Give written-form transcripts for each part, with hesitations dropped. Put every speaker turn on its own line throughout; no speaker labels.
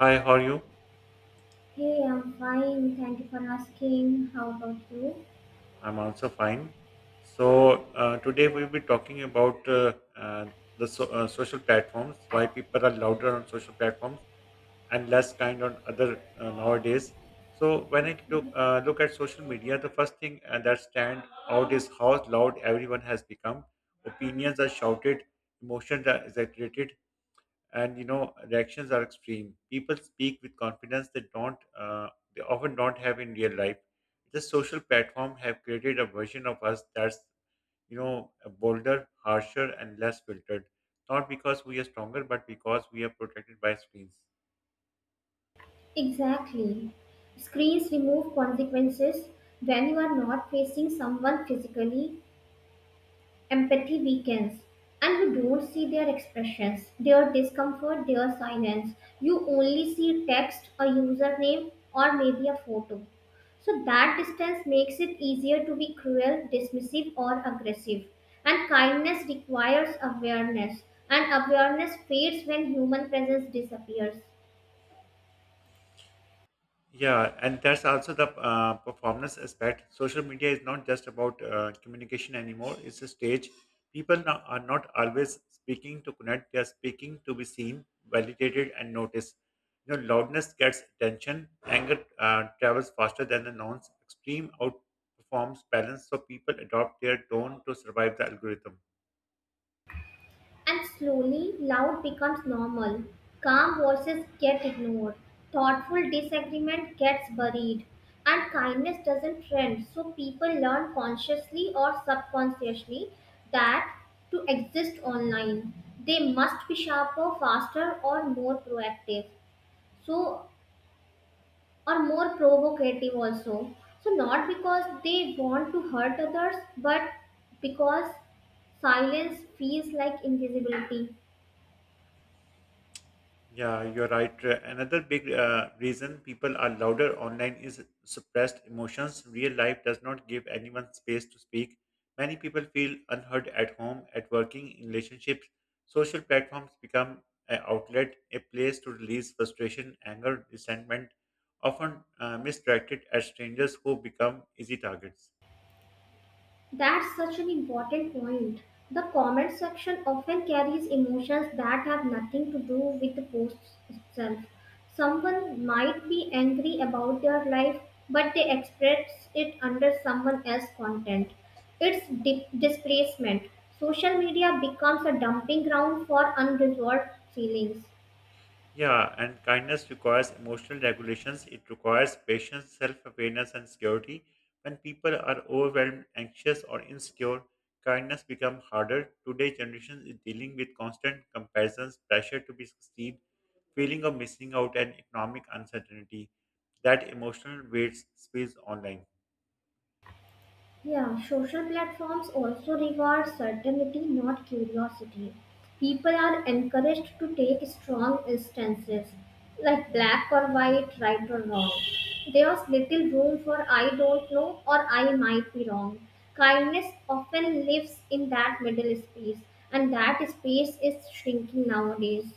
Hi, how are you?
Hey, I'm fine. Thank you for asking. How about you?
I'm also fine. So, today we'll be talking about social platforms, why people are louder on social platforms and less kind on other nowadays. So, when I took, look at social media, the first thing that stand out is how loud everyone has become. Opinions are shouted, emotions are exaggerated, and reactions are extreme. People speak with confidence they often don't have in real life. The social platform have created a version of us that's you know bolder, harsher, and less filtered, not because we are stronger but because we are protected by screens.
Exactly. Screens remove consequences when you are not facing someone physically, empathy weakens, and you don't see their expressions, their discomfort, their silence. You only see text, a username, or maybe a photo. So that distance makes it easier to be cruel, dismissive, or aggressive. And kindness requires awareness, and awareness fades when human presence disappears.
Yeah, and that's also the performance aspect. Social media is not just about communication anymore, it's a stage. People now are not always speaking to connect, they are speaking to be seen, validated, and noticed. You know, loudness gets attention, anger travels faster than the nouns, extreme outperforms balance, so people adopt their tone to survive the algorithm.
And slowly, loud becomes normal. Calm voices get ignored. Thoughtful disagreement gets buried. And kindness doesn't trend. So people learn consciously or subconsciously that to exist online, they must be sharper, faster, or more proactive. So, or more provocative also. So, not because they want to hurt others, but because silence feels like invisibility.
Yeah, you're right. Another big reason people are louder online is suppressed emotions. Real life does not give anyone space to speak. Many people feel unheard at home, at working, in relationships. Social platforms become an outlet, a place to release frustration, anger, resentment, often misdirected at strangers who become easy targets.
That's such an important point. The comment section often carries emotions that have nothing to do with the post itself. Someone might be angry about their life, but they express it under someone else's content. It's displacement. Social media becomes a dumping ground for unresolved feelings.
Yeah, and kindness requires emotional regulations. It requires patience, self awareness, and security. When people are overwhelmed, anxious, or insecure, kindness becomes harder. Today's generation is dealing with constant comparisons, pressure to be succeed, feeling of missing out, and economic uncertainty. That emotional weight spills online.
Yeah, social platforms also reward certainty, not curiosity. People are encouraged to take strong instances, like black or white, right or wrong. There's little room for I don't know or I might be wrong. Kindness often lives in that middle space, and that space is shrinking nowadays.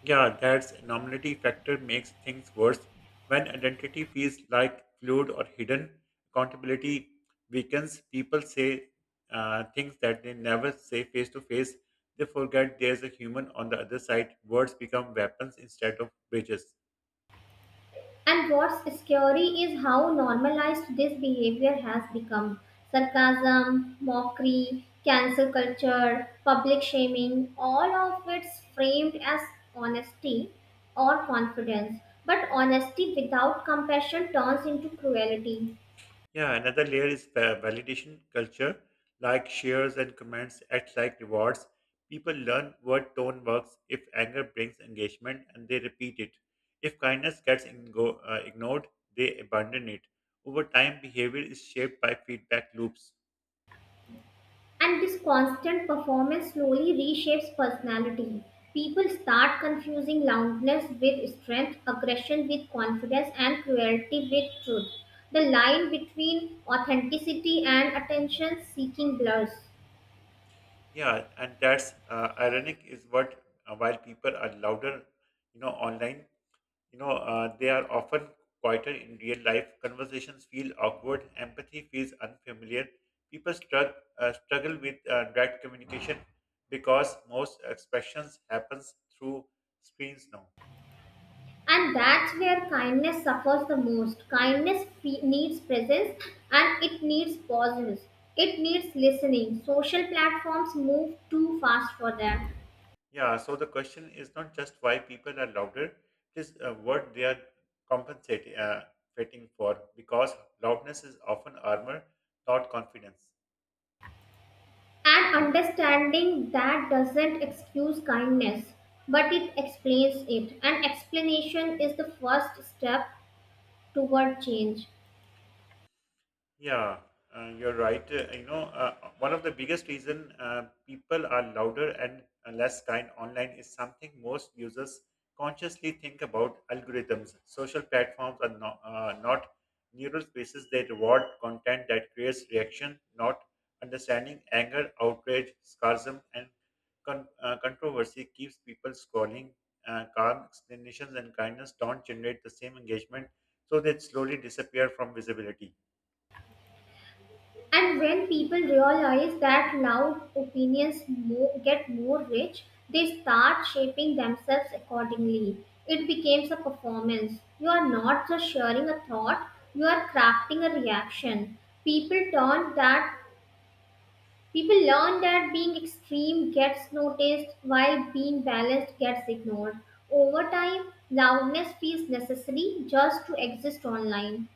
Yeah, that's anonymity factor makes things worse. When identity feels like fluid or hidden, accountability weakens. People say things that they never say face to face. They forget there's a human on the other side. Words become weapons instead of bridges.
And what's scary is how normalized this behavior has become. Sarcasm, mockery, cancel culture, public shaming, all of it's framed as honesty or confidence. But honesty without compassion turns into cruelty.
Yeah, another layer is the validation culture, like shares and comments act like rewards. People learn what tone works if anger brings engagement and they repeat it. If kindness gets ignored, they abandon it. Over time, behavior is shaped by feedback loops.
And this constant performance slowly reshapes personality. People start confusing loudness with strength, aggression with confidence, and cruelty with truth. The line between authenticity and attention seeking blurs.
Yeah, and that's ironic is what while people are louder, online. They are often quieter in real life. Conversations feel awkward. Empathy feels unfamiliar. People struggle with direct communication because most expressions happens through screens now.
And that's where kindness suffers the most. Kindness needs presence, and it needs pauses. It needs listening. Social platforms move too fast for that.
Yeah, so the question is not just why people are louder, it is what they are compensating fighting for, because loudness is often armor, not confidence.
And understanding that doesn't excuse kindness, but it explains it. And explanation is the first step toward change.
Yeah, you're right. One of the biggest reason people are louder and less kind online is something most users consciously think about algorithms. Social platforms are not neural spaces. They reward content that creates reaction, not understanding. Anger, outrage, sarcasm, and controversy keeps people scrolling. Calm explanations and kindness don't generate the same engagement, so they slowly disappear from visibility.
And when people realize that loud opinions get more rich, they start shaping themselves accordingly. It becomes a performance. You are not just sharing a thought, you are crafting a reaction. People turn that People learn that being extreme gets noticed while being balanced gets ignored. Over time, loudness feels necessary just to exist online.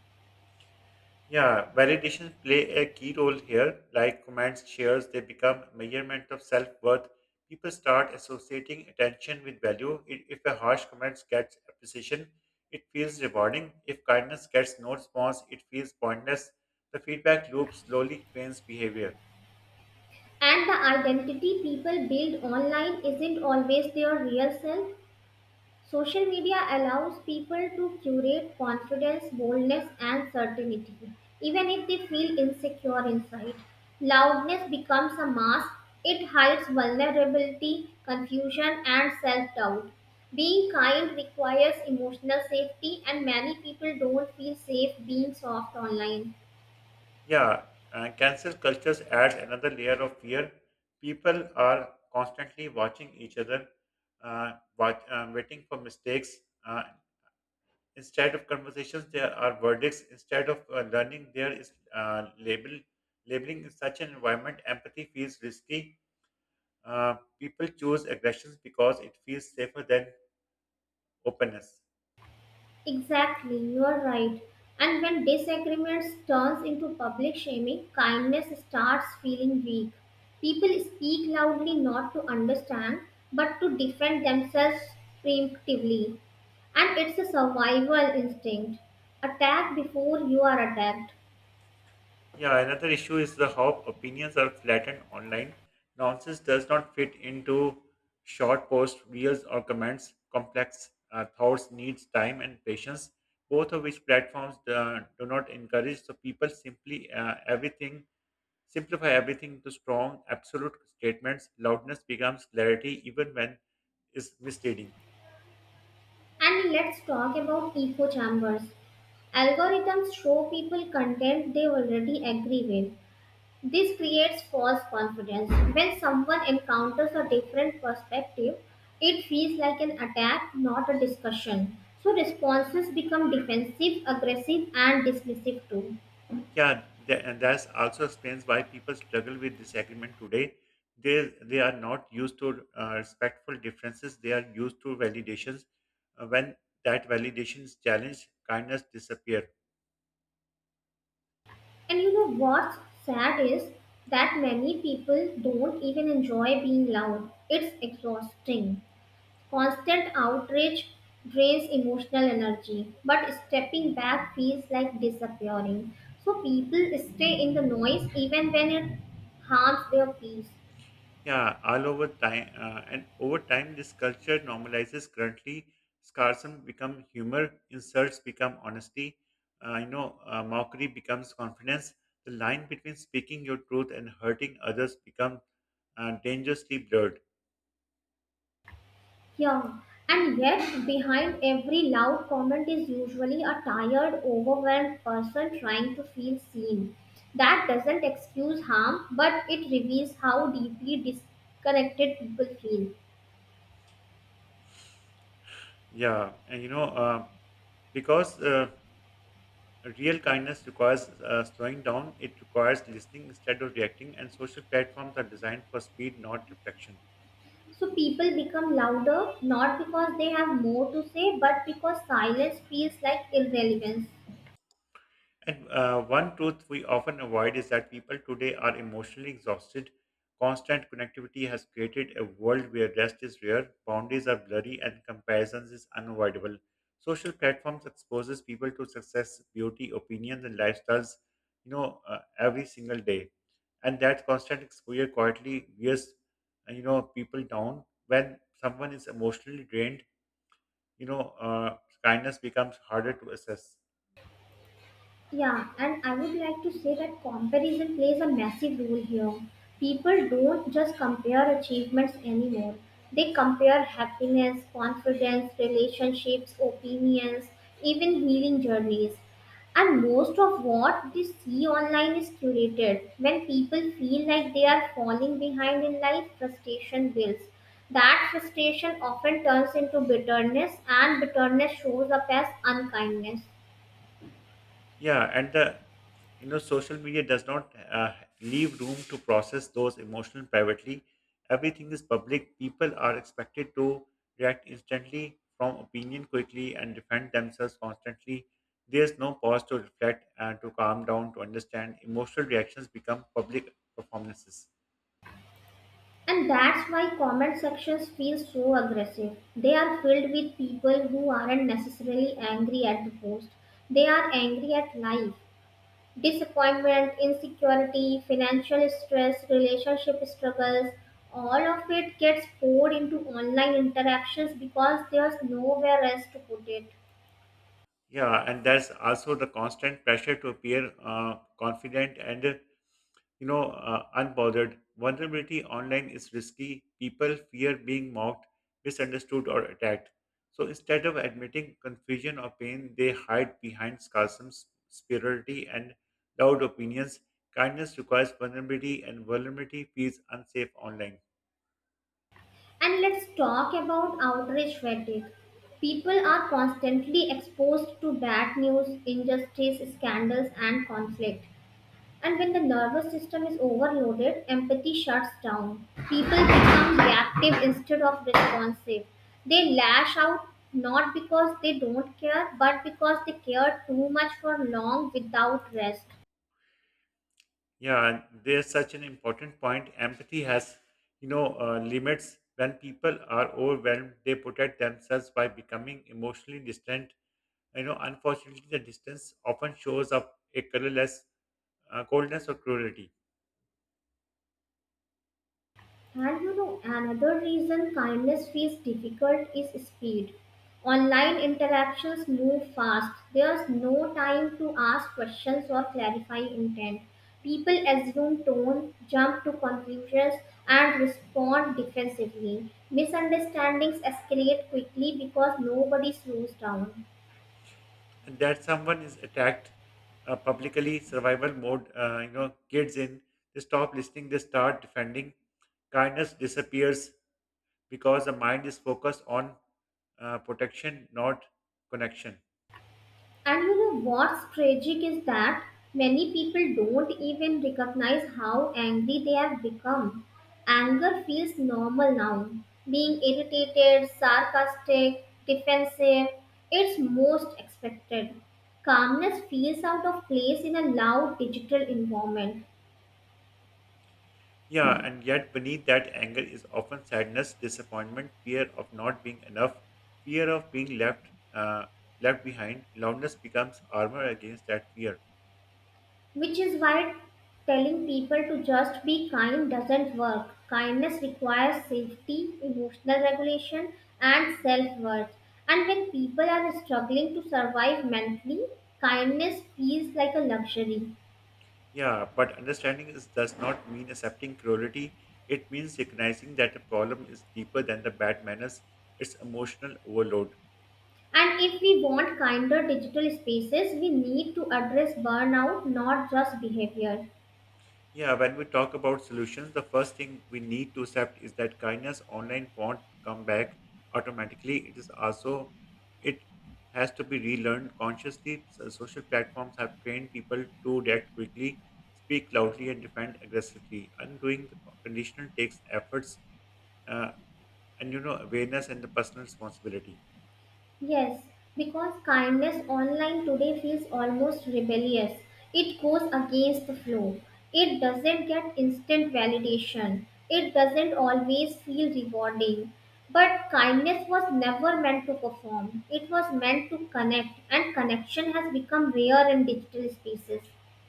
Yeah, validations play a key role here. Like comments, shares, they become measurement of self-worth. People start associating attention with value. If a harsh comment gets appreciation, it feels rewarding. If kindness gets no response, it feels pointless. The feedback loop slowly trains behavior.
And the identity people build online isn't always their real self. Social media allows people to curate confidence, boldness, and certainty, even if they feel insecure inside. Loudness becomes a mask, it hides vulnerability, confusion, and self doubt. Being kind requires emotional safety, and many people don't feel safe being soft online.
Yeah, cancel cultures adds another layer of fear. People are constantly watching each other, waiting for mistakes. uh, Instead of conversations, there are verdicts. Instead of learning, there is label. Labeling in such an environment, empathy feels risky. People choose aggressions because it feels safer than openness.
Exactly, you are right. And when disagreements turns into public shaming, kindness starts feeling weak. People speak loudly not to understand, but to defend themselves preemptively. And it's a survival instinct. Attack before you are attacked.
Yeah, another issue is the how opinions are flattened online. Nonsense does not fit into short posts, reels, or comments. Complex thoughts needs time and patience, both of which platforms do not encourage. So people simply everything Simplify everything to strong, absolute statements. Loudness becomes clarity even when is misleading.
And let's talk about echo chambers. Algorithms show people content they already agree with. This creates false confidence. When someone encounters a different perspective, it feels like an attack, not a discussion. So responses become defensive, aggressive, and dismissive too.
Yeah, and that also explains why people struggle with disagreement today. They are not used to respectful differences. They are used to validations. When that validation is challenged, kindness disappears.
And you know what's sad is that many people don't even enjoy being loud. It's exhausting. Constant outrage drains emotional energy, but stepping back feels like disappearing. So people stay in the noise even when it harms their peace.
Yeah, all over time, and over time, this culture normalizes. Currently, sarcasm become humor, insults become honesty. Mockery becomes confidence. The line between speaking your truth and hurting others become dangerously blurred.
Yeah, and yet behind every loud comment is usually a tired, overwhelmed person trying to feel seen. That doesn't excuse harm, but it reveals how deeply disconnected people feel.
Yeah, and because real kindness requires slowing down, it requires listening instead of reacting, and social platforms are designed for speed, not reflection.
So people become louder not because they have more to say but because silence feels like irrelevance.
And one truth we often avoid is that people today are emotionally exhausted. Constant connectivity has created a world where rest is rare, boundaries are blurry, and comparisons is unavoidable. Social platforms exposes people to success, beauty, opinions, and lifestyles, every single day. And that constant exposure quietly wears people down. When someone is emotionally drained, you know, uh, kindness becomes harder to assess.
Yeah, and I would like to say that comparison plays a massive role here. People don't just compare achievements anymore. They compare happiness, confidence, relationships, opinions, even healing journeys. And most of what they see online is curated. When people feel like they are falling behind in life, frustration builds. That frustration often turns into bitterness, and bitterness shows up as unkindness.
Yeah, and the social media does not leave room to process those emotions privately. Everything is public. People are expected to react instantly, form opinion quickly, and defend themselves constantly. There's no pause to reflect and to calm down to understand. Emotional reactions become public performances.
And that's why comment sections feel so aggressive. They are filled with people who aren't necessarily angry at the post. They are angry at life. Disappointment, insecurity, financial stress, relationship struggles, all of it gets poured into online interactions because there's nowhere else to put it.
Yeah, and there's also the constant pressure to appear confident and unbothered. Vulnerability online is risky. People fear being mocked, misunderstood, or attacked. So instead of admitting confusion or pain, they hide behind sarcasm, superiority, and loud opinions. Kindness requires vulnerability, and vulnerability feels unsafe online.
And let's talk about outrage fatigue. People are constantly exposed to bad news, injustice, scandals, and conflict. And when the nervous system is overloaded, empathy shuts down. People become reactive instead of responsive. They lash out not because they don't care, but because they care too much for long without rest.
Yeah, and there's such an important point. Empathy has limits. When people are overwhelmed, they protect themselves by becoming emotionally distant. You know, unfortunately, the distance often shows up a colorless coldness or cruelty,
And you know, another reason kindness feels difficult is speed. Online interactions move fast. There's no time to ask questions or clarify intent. People assume tone, jump to conclusions, and respond defensively. Misunderstandings escalate quickly because nobody slows down.
and that someone is attacked publicly. Survival mode, kids in, they stop listening, they start defending. Kindness disappears because the mind is focused on protection, not connection.
And you know what's tragic is that many people don't even recognize how angry they have become. Anger feels normal now. Being irritated, sarcastic, defensive, it's most expected. Calmness feels out of place in a loud digital environment.
Yeah, and yet beneath that anger is often sadness, disappointment, fear of not being enough, fear of being left behind. Loudness becomes armor against that fear.
Which is why telling people to just be kind doesn't work. Kindness requires safety, emotional regulation, and self worth. And when people are struggling to survive mentally, kindness feels like a luxury.
Yeah, but understanding is, does not mean accepting cruelty. It means recognizing that the problem is deeper than the bad manners. It's emotional overload.
And if we want kinder digital spaces, we need to address burnout, not just behavior.
Yeah, when we talk about solutions, the first thing we need to accept is that kindness online won't come back automatically. It is also it has to be relearned consciously. So social platforms have trained people to react quickly, speak loudly, and defend aggressively. Undoing the conditional takes efforts, uh, and awareness and the personal responsibility.
Yes, because kindness online today feels almost rebellious. It goes against the flow. It doesn't get instant validation. It doesn't always feel rewarding. But kindness was never meant to perform, it was meant to connect, and connection has become rare in digital spaces.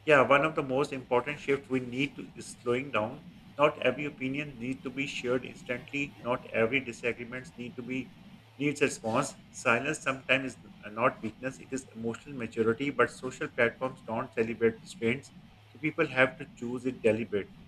Yeah, one of the most important shifts we need to is slowing down. Not every opinion needs to be shared instantly. Not every disagreements need to be needs a response. Silence sometimes is not weakness; it is emotional maturity. But social platforms don't celebrate restraints, so people have to choose it deliberately.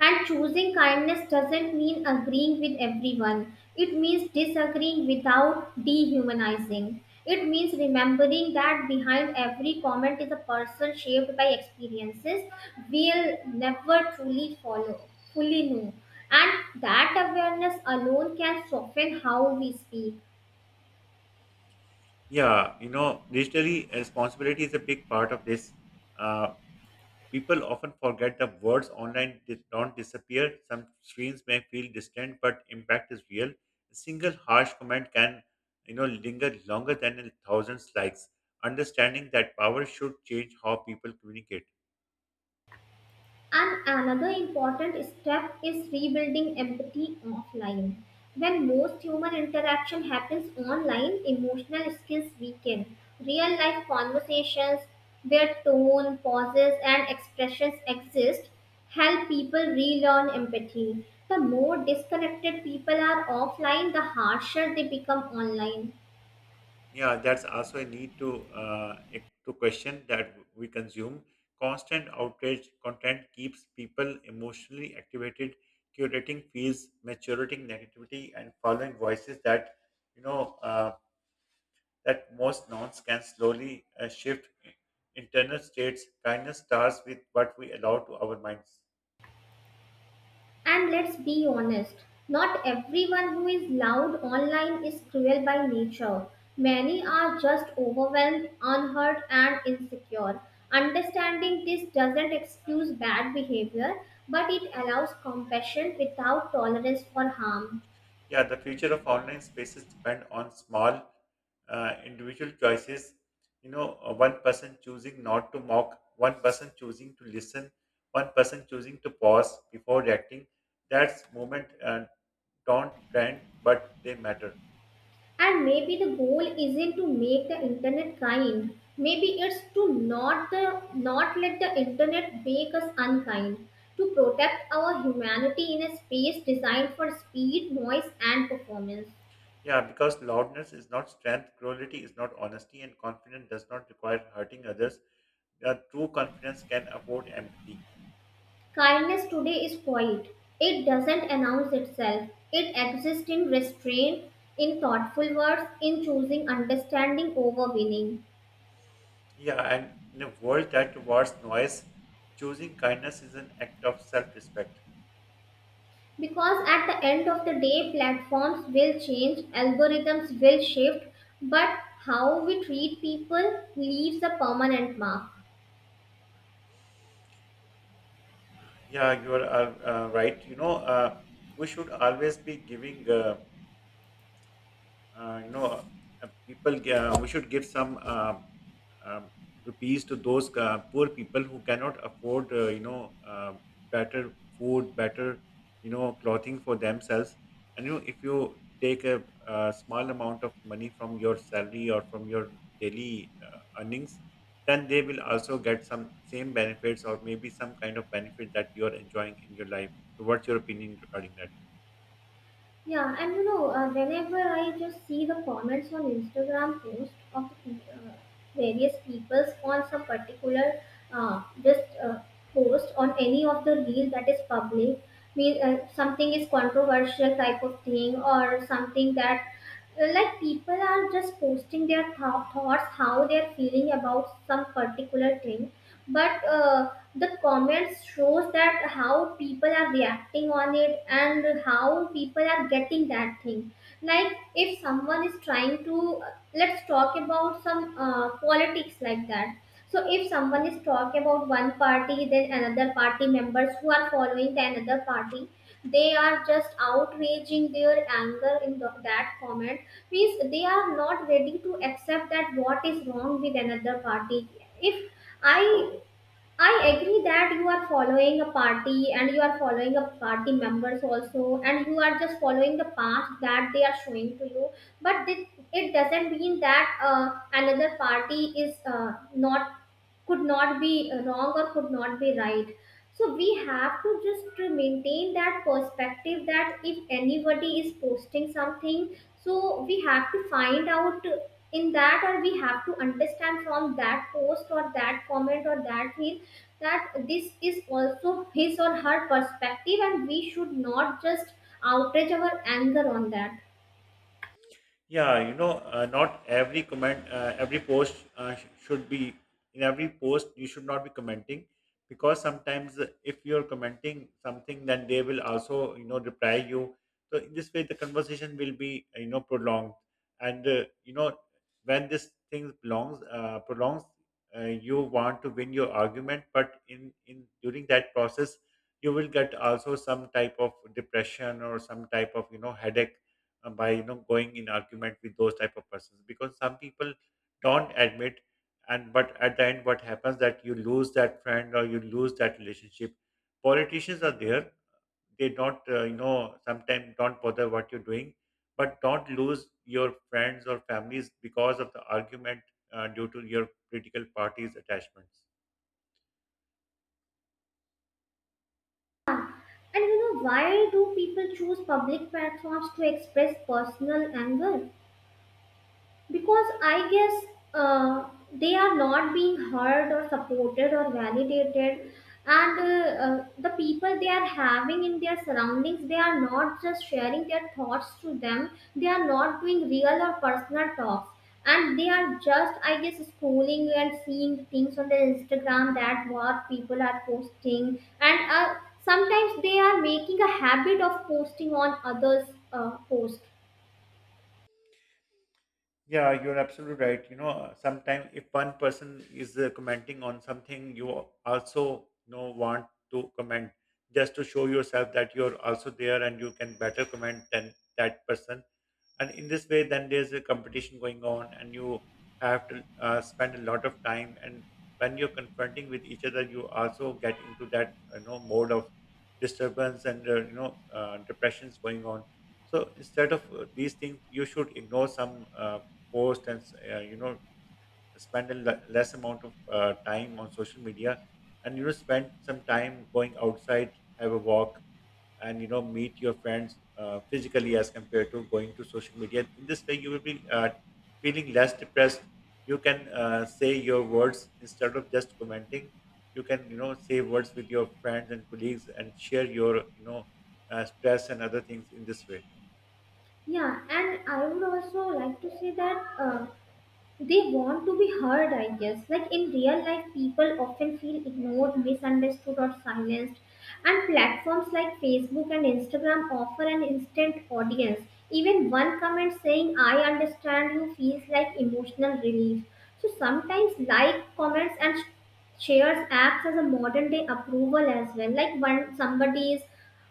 And choosing kindness doesn't mean agreeing with everyone. It means disagreeing without dehumanizing. It means remembering that behind every comment is a person shaped by experiences we'll never truly follow, fully know. And that awareness alone can soften how we speak.
Yeah, digitally responsibility is a big part of this. Uh, People often forget that words online did not disappear. Some screens may feel distant, but impact is real. A single harsh comment can linger longer than a thousand likes. Understanding that power should change how people communicate.
And another important step is rebuilding empathy offline. When most human interaction happens online, emotional skills weaken. Real life conversations, where tone, pauses, and expressions exist, help people relearn empathy. The more disconnected people are offline, the harsher they become online.
Yeah, that's also a need to question that we consume. Constant outrage content keeps people emotionally activated. Curating feeds, maturating negativity, and following voices that you know. That most nouns can slowly shift internal states. Kindness starts with what we allow to our minds.
And let's be honest, not everyone who is loud online is cruel by nature. Many are just overwhelmed, unhurt, and insecure. Understanding this doesn't excuse bad behavior, but it allows compassion without tolerance for harm.
Yeah, the future of online spaces depend on small individual choices. One person choosing not to mock, one person choosing to listen, one person choosing to pause before reacting. That's moment don't trend, but they matter.
And maybe the goal isn't to make the internet kind. Maybe it's to not let the internet make us unkind. To protect our humanity in a space designed for speed, noise, and performance.
Yeah, because loudness is not strength, cruelty is not honesty, and confidence does not require hurting others. True confidence can afford empathy.
Kindness today is quiet. It doesn't announce itself. It exists in restraint, in thoughtful words, in choosing understanding over winning.
Yeah, and in a world that rewards noise, choosing kindness is an act of self respect.
Because at the end of the day, platforms will change, algorithms will shift, but how we treat people leaves a permanent mark.
Yeah, you are right. We should always be giving. Uh, you know, People, we should give some um, rupees to those poor people who cannot afford, better food, better, clothing for themselves. And, you know, if you take a small amount of money from your salary or from your daily earnings, then they will also get some same benefits or maybe some kind of benefit that you are enjoying in your life. So, what's your opinion regarding that?
Yeah, and you know, whenever I just see the comments on Instagram post of various people's on some particular, just post on any of the reel that is public, mean something is controversial type of thing or something that, like people are just posting their thoughts, how they're feeling about some particular thing. But the comments shows that how people are reacting on it and how people are getting that thing. Like if someone is trying to, let's talk about some politics like that. So if someone is talking about one party, then another party members who are following the another party, they are just outraging their anger in that comment. Means they are not ready to accept that what is wrong with another party. If I I agree that you are following a party and you are following a party members also, and you are just following the path that they are showing to you. But it doesn't mean that another party is not, could not be wrong or could not be right. So we have to just to maintain that perspective that if anybody is posting something, so we have to find out in that, or we have to understand from that post or that comment or that thing that this is also his or her perspective, and we should not just outrage our anger on that.
Yeah, not every comment, every post should be in every post. You should not be commenting because sometimes if you're commenting something, then they will also reply you. So in this way, the conversation will be prolonged, and when this thing belongs prolongs, you want to win your argument, but in during that process, you will get also some type of depression or some type of headache by going in argument with those type of persons because some people don't admit and but at the end what happens that you lose that friend or you lose that relationship. Politicians are there, they don't sometimes don't bother what you're doing, but don't lose your friends or families because of the argument, due to your political party's attachments.
And you know why do people choose public platforms to express personal anger? Because I guess they are not being heard or supported or validated. And the people they are having in their surroundings, they are not just sharing their thoughts to them. They are not doing real or personal talks, and they are just, I guess, scrolling and seeing things on their Instagram, that what people are posting. And sometimes they are making a habit of posting on others posts.
Yeah, you're absolutely right. You know, sometimes if one person is commenting on something, you also want to comment just to show yourself that you're also there and you can better comment than that person, and in this way then there's a competition going on and you have to spend a lot of time, and when you're confronting with each other you also get into that mode of disturbance, and depressions going on. So instead of these things you should ignore some post, and uh, you know spend a less amount of time on social media, and spend some time going outside, have a walk, and meet your friends physically as compared to going to social media. In this way you will be feeling less depressed. You can say your words instead of just commenting. You can say words with your friends and colleagues and share your stress and other things in this way.
Yeah, and I would also like to say that, they want to be heard, I guess. Like in real life, people often feel ignored, misunderstood, or silenced. And platforms like Facebook and Instagram offer an instant audience. Even one comment saying, I understand you, feels like emotional relief. So sometimes, like, comments, and shares acts as a modern day approval as well, like when somebody is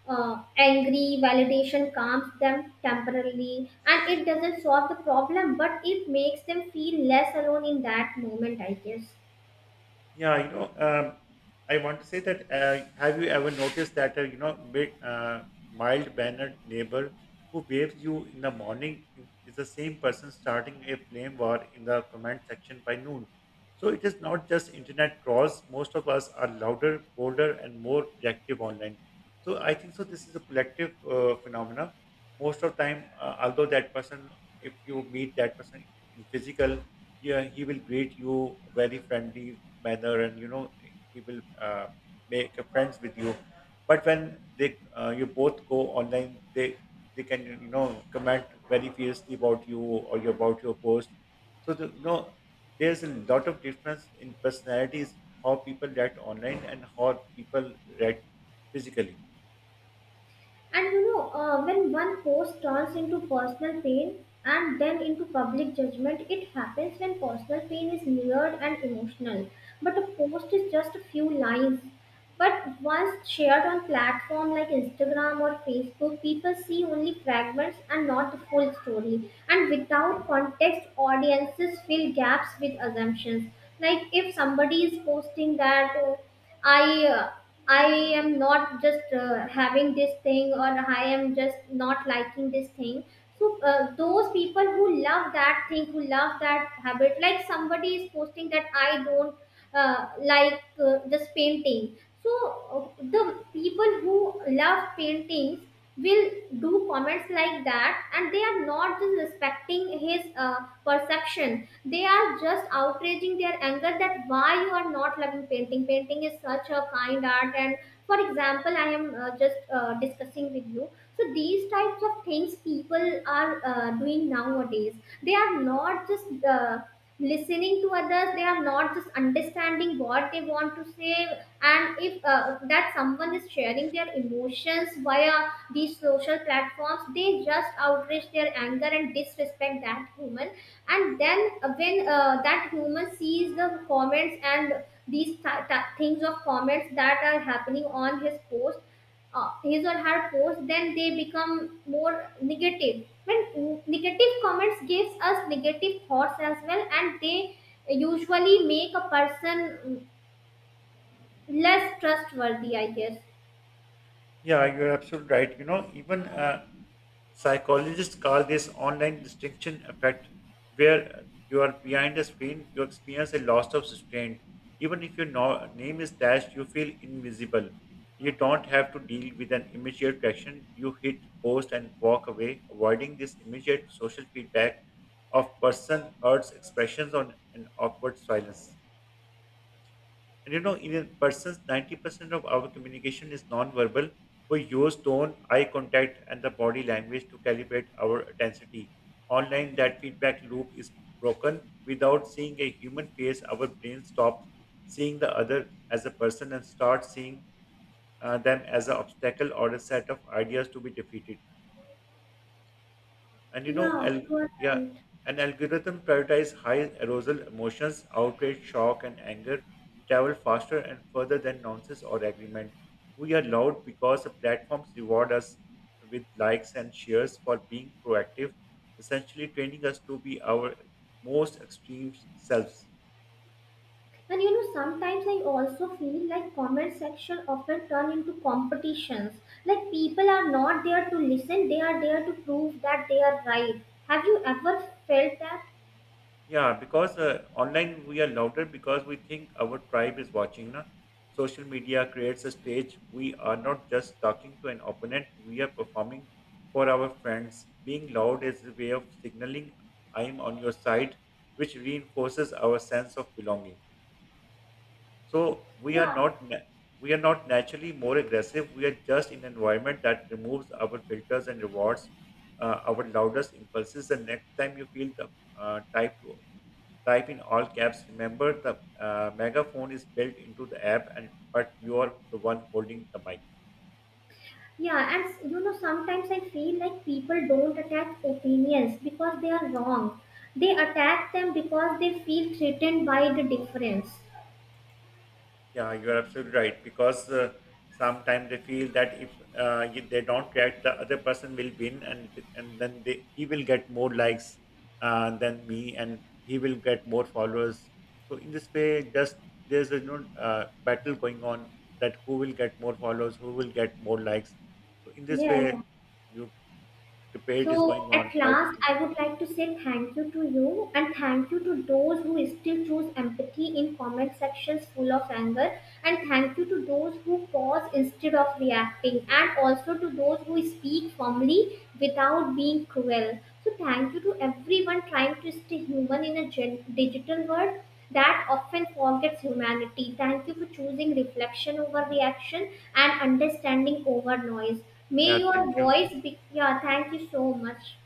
angry, validation calms them temporarily, and it doesn't solve the problem, but it makes them feel less alone in that moment, I guess.
Yeah, you know, I want to say that have you ever noticed that, you know, big, mild mannered neighbor who waves you in the morning is the same person starting a flame war in the comment section by noon. So it is not just internet trolls. Most of us are louder, bolder, and more reactive online. So I think so. This is a collective phenomena. Most of time, although that person, if you meet that person in physical, yeah, he will greet you very friendly manner, and you know he will make a friends with you, but when they you both go online they can you know comment very fiercely about you or about your post. So the, you know, there's a lot of difference in personalities, how people react online and how people react physically.
And you know, when one post turns into personal pain and then into public judgment, it happens when personal pain is layered and emotional, but a post is just a few lines. But once shared on platform like Instagram or Facebook, people see only fragments and not the full story. And without context, audiences fill gaps with assumptions. Like if somebody is posting that, I uh, I am not just having this thing, or I am just not liking this thing. So those people who love that thing, who love that habit, like somebody is posting that I don't like, just painting. So the people who love paintings will do comments like that, and they are not just respecting his perception. They are just outraging their anger that why you are not loving painting. Painting is such a kind art, and for example, I am just discussing with you. So these types of things people are doing nowadays. They are not just listening to others, they are not just understanding what they want to say. And if that someone is sharing their emotions via these social platforms, they just outreach their anger and disrespect that human. And then when that human sees the comments and these things of comments that are happening on his post, his or her post, then they become more negative. When negative comments gives us negative thoughts as well, and they usually make a person, mm, less trustworthy, I guess.
Yeah, you're absolutely right. You know, even psychologists call this online distinction effect, where you are behind a screen, you experience a loss of restraint. Even if your name is dashed, you feel invisible. You don't have to deal with an immediate reaction. You hit post and walk away, avoiding this immediate social feedback of person hurts expressions on an awkward silence. And you know, in a person's 90% of our communication is non-verbal. We use tone, eye contact, and the body language to calibrate our intensity. Online, that feedback loop is broken. Without seeing a human face, our brain stops seeing the other as a person and starts seeing them as an obstacle or a set of ideas to be defeated. And you know,
Yeah,
al-
you are
Yeah,
right.
an algorithm prioritize high arousal emotions, outrage, shock, and anger, travel faster and further than nonsense or agreement. We are loud because the platforms reward us with likes and shares for being proactive, essentially training us to be our most extreme selves.
And you know, sometimes I also feel like comment section often turn into competitions, like people are not there to listen, they are there to prove that they are right. Have you ever felt that?
Yeah, because online we are louder because we think our tribe is watching. Na? Social media creates a stage. We are not just talking to an opponent, we are performing for our friends. Being loud is a way of signaling I am on your side, which reinforces our sense of belonging. So we are
Yeah.
not na- we are not naturally more aggressive. We are just in an environment that removes our filters and rewards our loudest impulses. The next time you feel the type to type in all caps. Remember, the megaphone is built into the app, and but you are the one holding the mic.
Yeah, and you know, sometimes I feel like people don't attack opinions because they are wrong. They attack them because they feel threatened by the difference.
Yeah, you are absolutely right because sometimes they feel that if they don't react, the other person will win, and then they, he will get more likes than me, and he will get more followers. So in this way, just there's a you know, battle going on, that who will get more followers, who will get more likes. So in this
Yeah.
way, you debate is
So
going on,
at
fight is
last,
going.
I would like to say thank you to you, and thank you to those who still choose empathy in comment sections full of anger, and thank you to those who pause instead of reacting, and also to those who speak firmly without being cruel. So thank you to everyone trying to stay human in a digital world that often forgets humanity. Thank you for choosing reflection over reaction and understanding over noise. May
Yeah, thank
your
you.
voice be. Yeah, thank you so much.